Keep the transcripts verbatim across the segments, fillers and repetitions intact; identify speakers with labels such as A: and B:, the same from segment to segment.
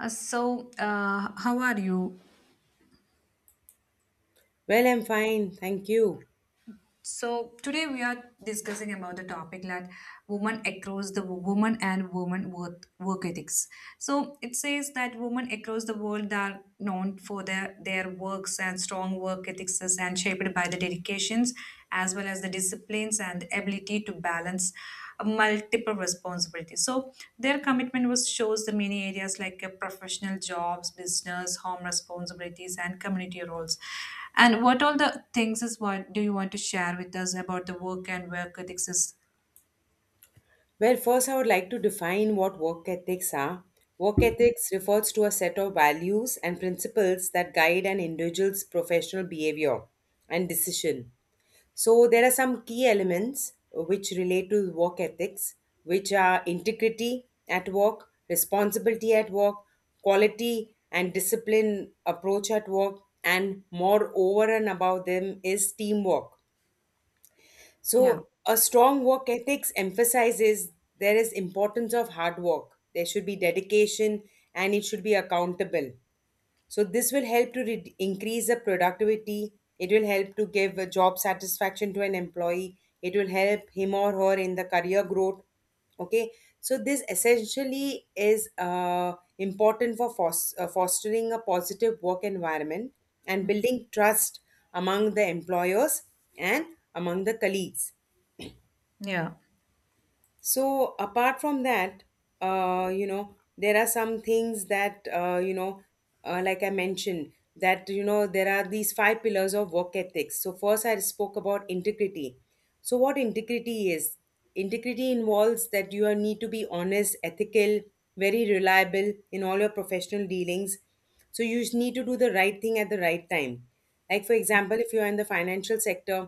A: Uh, so, uh, how are you?
B: Well, I'm fine, thank you.
A: So today we are discussing about the topic that women across the woman and woman work, work ethics. So it says that women across the world are known for their, their works and strong work ethics as- and shaped by the dedications as well as the disciplines and ability to balance multiple responsibilities. So their commitment was shows the many areas like uh, professional jobs, business, home responsibilities, and community roles. And what all the things is what do you want to share with us about the work and work ethics is.
B: Well, first, I would like to define what work ethics are. Work ethics refers to a set of values and principles that guide an individual's professional behavior and decision. So, there are some key elements which relate to work ethics, which are integrity at work, responsibility at work, quality and discipline approach at work, and more over and above them is teamwork.
A: yeah,
B: So a strong work ethics emphasizes there is importance of hard work. There should be dedication and it should be accountable. So this will help to re- increase the productivity. It will help to give a job satisfaction to an employee. It will help him or her in the career growth. Okay, so this essentially is uh, important for fos- uh, fostering a positive work environment and building trust among the employers and among the colleagues.
A: yeah,
B: So apart from that, uh, you know, there are some things that uh, you know, uh, like I mentioned, that you know, there are these five pillars of work ethics. So first, I spoke about integrity. So what integrity is? Integrity involves that you are- need to be honest, ethical, very reliable in all your professional dealings. So you just need to do the right thing at the right time. Like for example, if you are in the financial sector,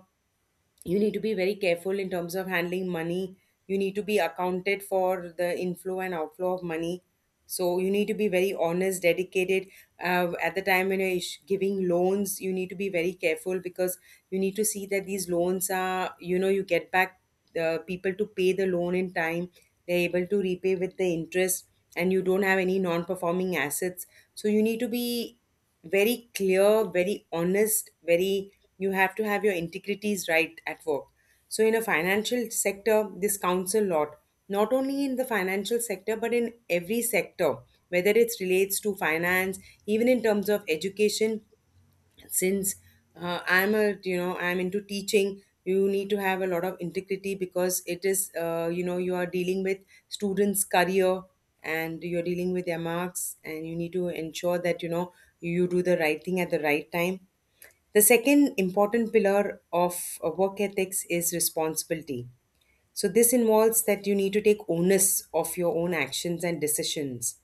B: you need to be very careful in terms of handling money. You need to be accounted for the inflow and outflow of money, so you need to be very honest, dedicated uh, at the time when you're ish- giving loans. You need to be very careful because you need to see that these loans are, you know, you get back the people to pay the loan in time, they're able to repay with the interest, and you don't have any non-performing assets. So you need to be very clear, very honest, very, you have to have your integrities right at work. So in a financial sector, this counts a lot. Not only in the financial sector, but in every sector, whether it relates to finance, even in terms of education, since uh, I'm a, you know, I'm into teaching, you need to have a lot of integrity because it is, uh, you know, you are dealing with students' career, and you're dealing with their marks, and you need to ensure that, you know, you do the right thing at the right time. The second important pillar of uh, work ethics is responsibility. So this involves that you need to take onus of your own actions and decisions.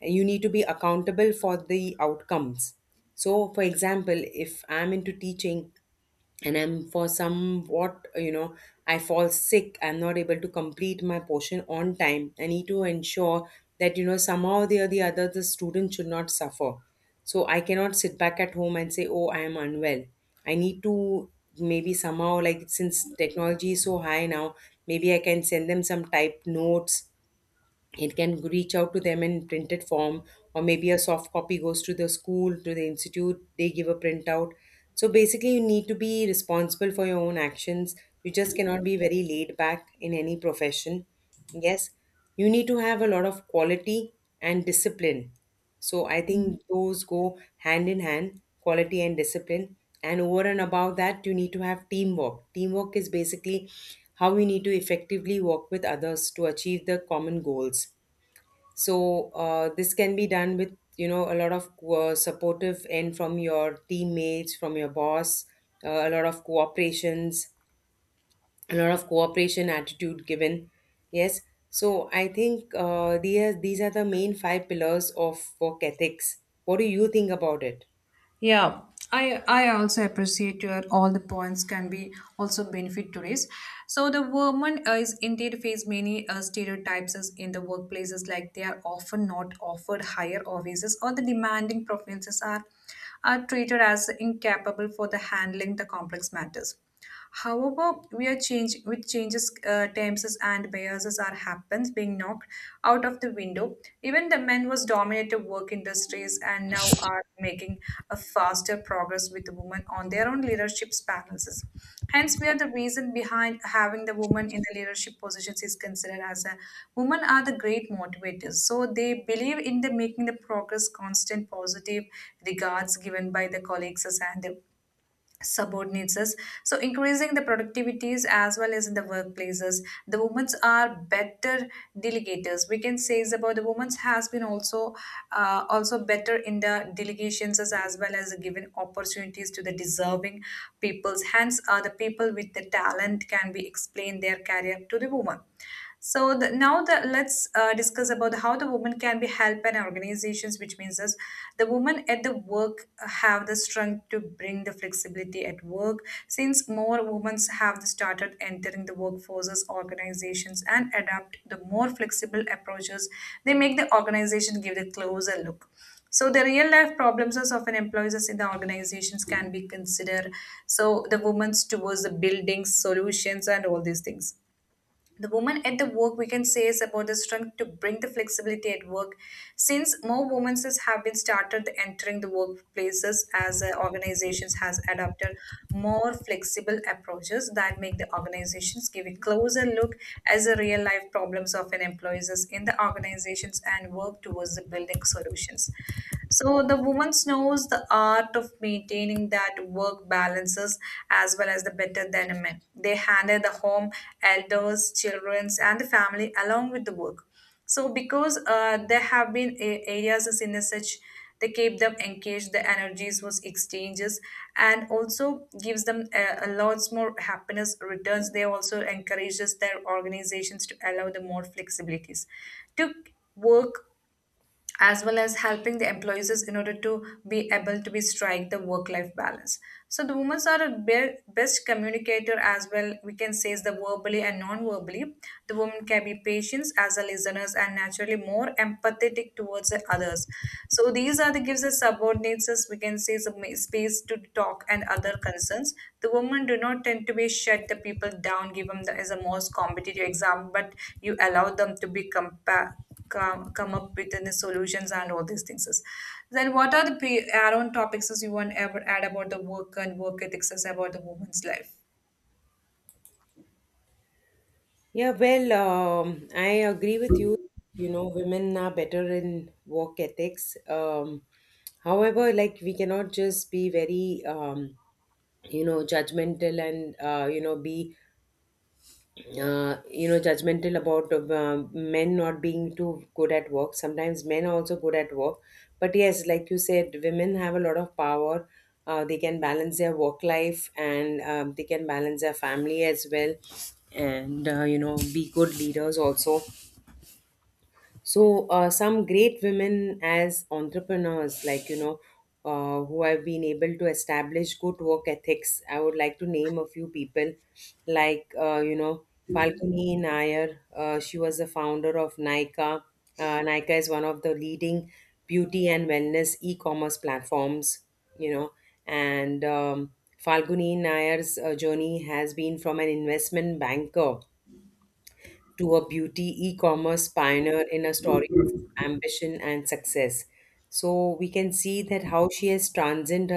B: You need to be accountable for the outcomes. So, for example, if I'm into teaching and I'm for somewhat, you know, I fall sick, I'm not able to complete my portion on time, I need to ensure that, you know, somehow or the, the other, the student should not suffer. So, I cannot sit back at home and say, oh, I am unwell. I need to maybe somehow, like, since technology is so high now, maybe I can send them some typed notes. It can reach out to them in printed form, or maybe a soft copy goes to the school, to the institute, they give a printout. So basically you need to be responsible for your own actions. You just cannot be very laid back in any profession. Yes, you need to have a lot of quality and discipline. So I think those go hand in hand, quality and discipline. And over and above that, you need to have teamwork. Teamwork is basically how we need to effectively work with others to achieve the common goals. So uh, this can be done with, you know, a lot of uh, supportive and from your teammates, from your boss, uh, a lot of cooperations, a lot of cooperation attitude given. Yes, so i think uh, these these are the main five pillars of work ethics. What do you think about it?
A: yeah. I I also appreciate your all the points can be also benefit tourists. So the woman uh, is indeed face many uh, stereotypes as in the workplaces, like they are often not offered higher offices, or the demanding preferences are are treated as incapable for the handling the complex matters. However, we are change with changes, uh, times and biases are happens being knocked out of the window. Even the men was dominated work industries and now are making a faster progress with the women on their own leadership panels. Hence, we are the reason behind having the women in the leadership positions is considered as a women are the great motivators. So they believe in the making the progress constant positive regards given by the colleagues and subordinates us. So increasing the productivities as well as in the workplaces, the women are better delegators, we can say is about the women has been also uh, also better in the delegations as, as well as giving opportunities to the deserving peoples, hence uh, the people with the talent can be explained their career to the woman. So the, now the, let's uh, discuss about how the woman can be helped in organizations, which means is the women at the work have the strength to bring the flexibility at work. Since more women have started entering the workforces, organizations, and adapt the more flexible approaches, they make the organization give the closer look. So the real life problems is of an employees in the organizations can be considered. So the women's towards the buildings, solutions, and all these things, the woman at the work, we can say, is about the strength to bring the flexibility at work since more women have been started entering the workplaces as uh, organizations has adopted more flexible approaches that make the organizations give a closer look as the real life problems of an employees is in the organizations and work towards the building solutions. So the woman knows the art of maintaining that work balances as well as the better than a man. They handle the home, elders, childrens, and the family along with the work. So because uh, there have been a- areas as in such, they keep them engaged, the energies was exchanges, and also gives them a, a lots more happiness returns. They also encourages their organizations to allow the more flexibilities to work as well as helping the employees is in order to be able to be strike the work life balance. So the women are a be- best communicator as well, we can say is the verbally and non verbally. The women can be patient as a listeners and naturally more empathetic towards the others. So these are the gives the subordinates, as we can say, some space to talk and other concerns. The women do not tend to be shut the people down, give them the, as a most competitive exam, but you allow them to be compared, come, come up with the solutions and all these things. Is. Then what are the add-on topics is you want ever add about the work and work ethics is about the woman's life?
B: Yeah, well, um, i agree with you. You know, women are better in work ethics, um, however, like, we cannot just be very, um, you know, judgmental and, uh, you know, be uh, you know, judgmental about uh, men not being too good at work. Sometimes men are also good at work, but yes, like you said, women have a lot of power. Uh, they can balance their work life, and um, they can balance their family as well, and uh, you know, be good leaders also. So, uh, some great women as entrepreneurs, like, you know, uh, who have been able to establish good work ethics. I would like to name a few people, like, uh, you know, Falguni Nair. Uh, she was the founder of Nykaa. Uh, Nykaa is one of the leading beauty and wellness e commerce platforms, you know, and um, Falguni Nair's uh, journey has been from an investment banker to a beauty e-commerce pioneer in a story of ambition and success. So we can see that how she has transcended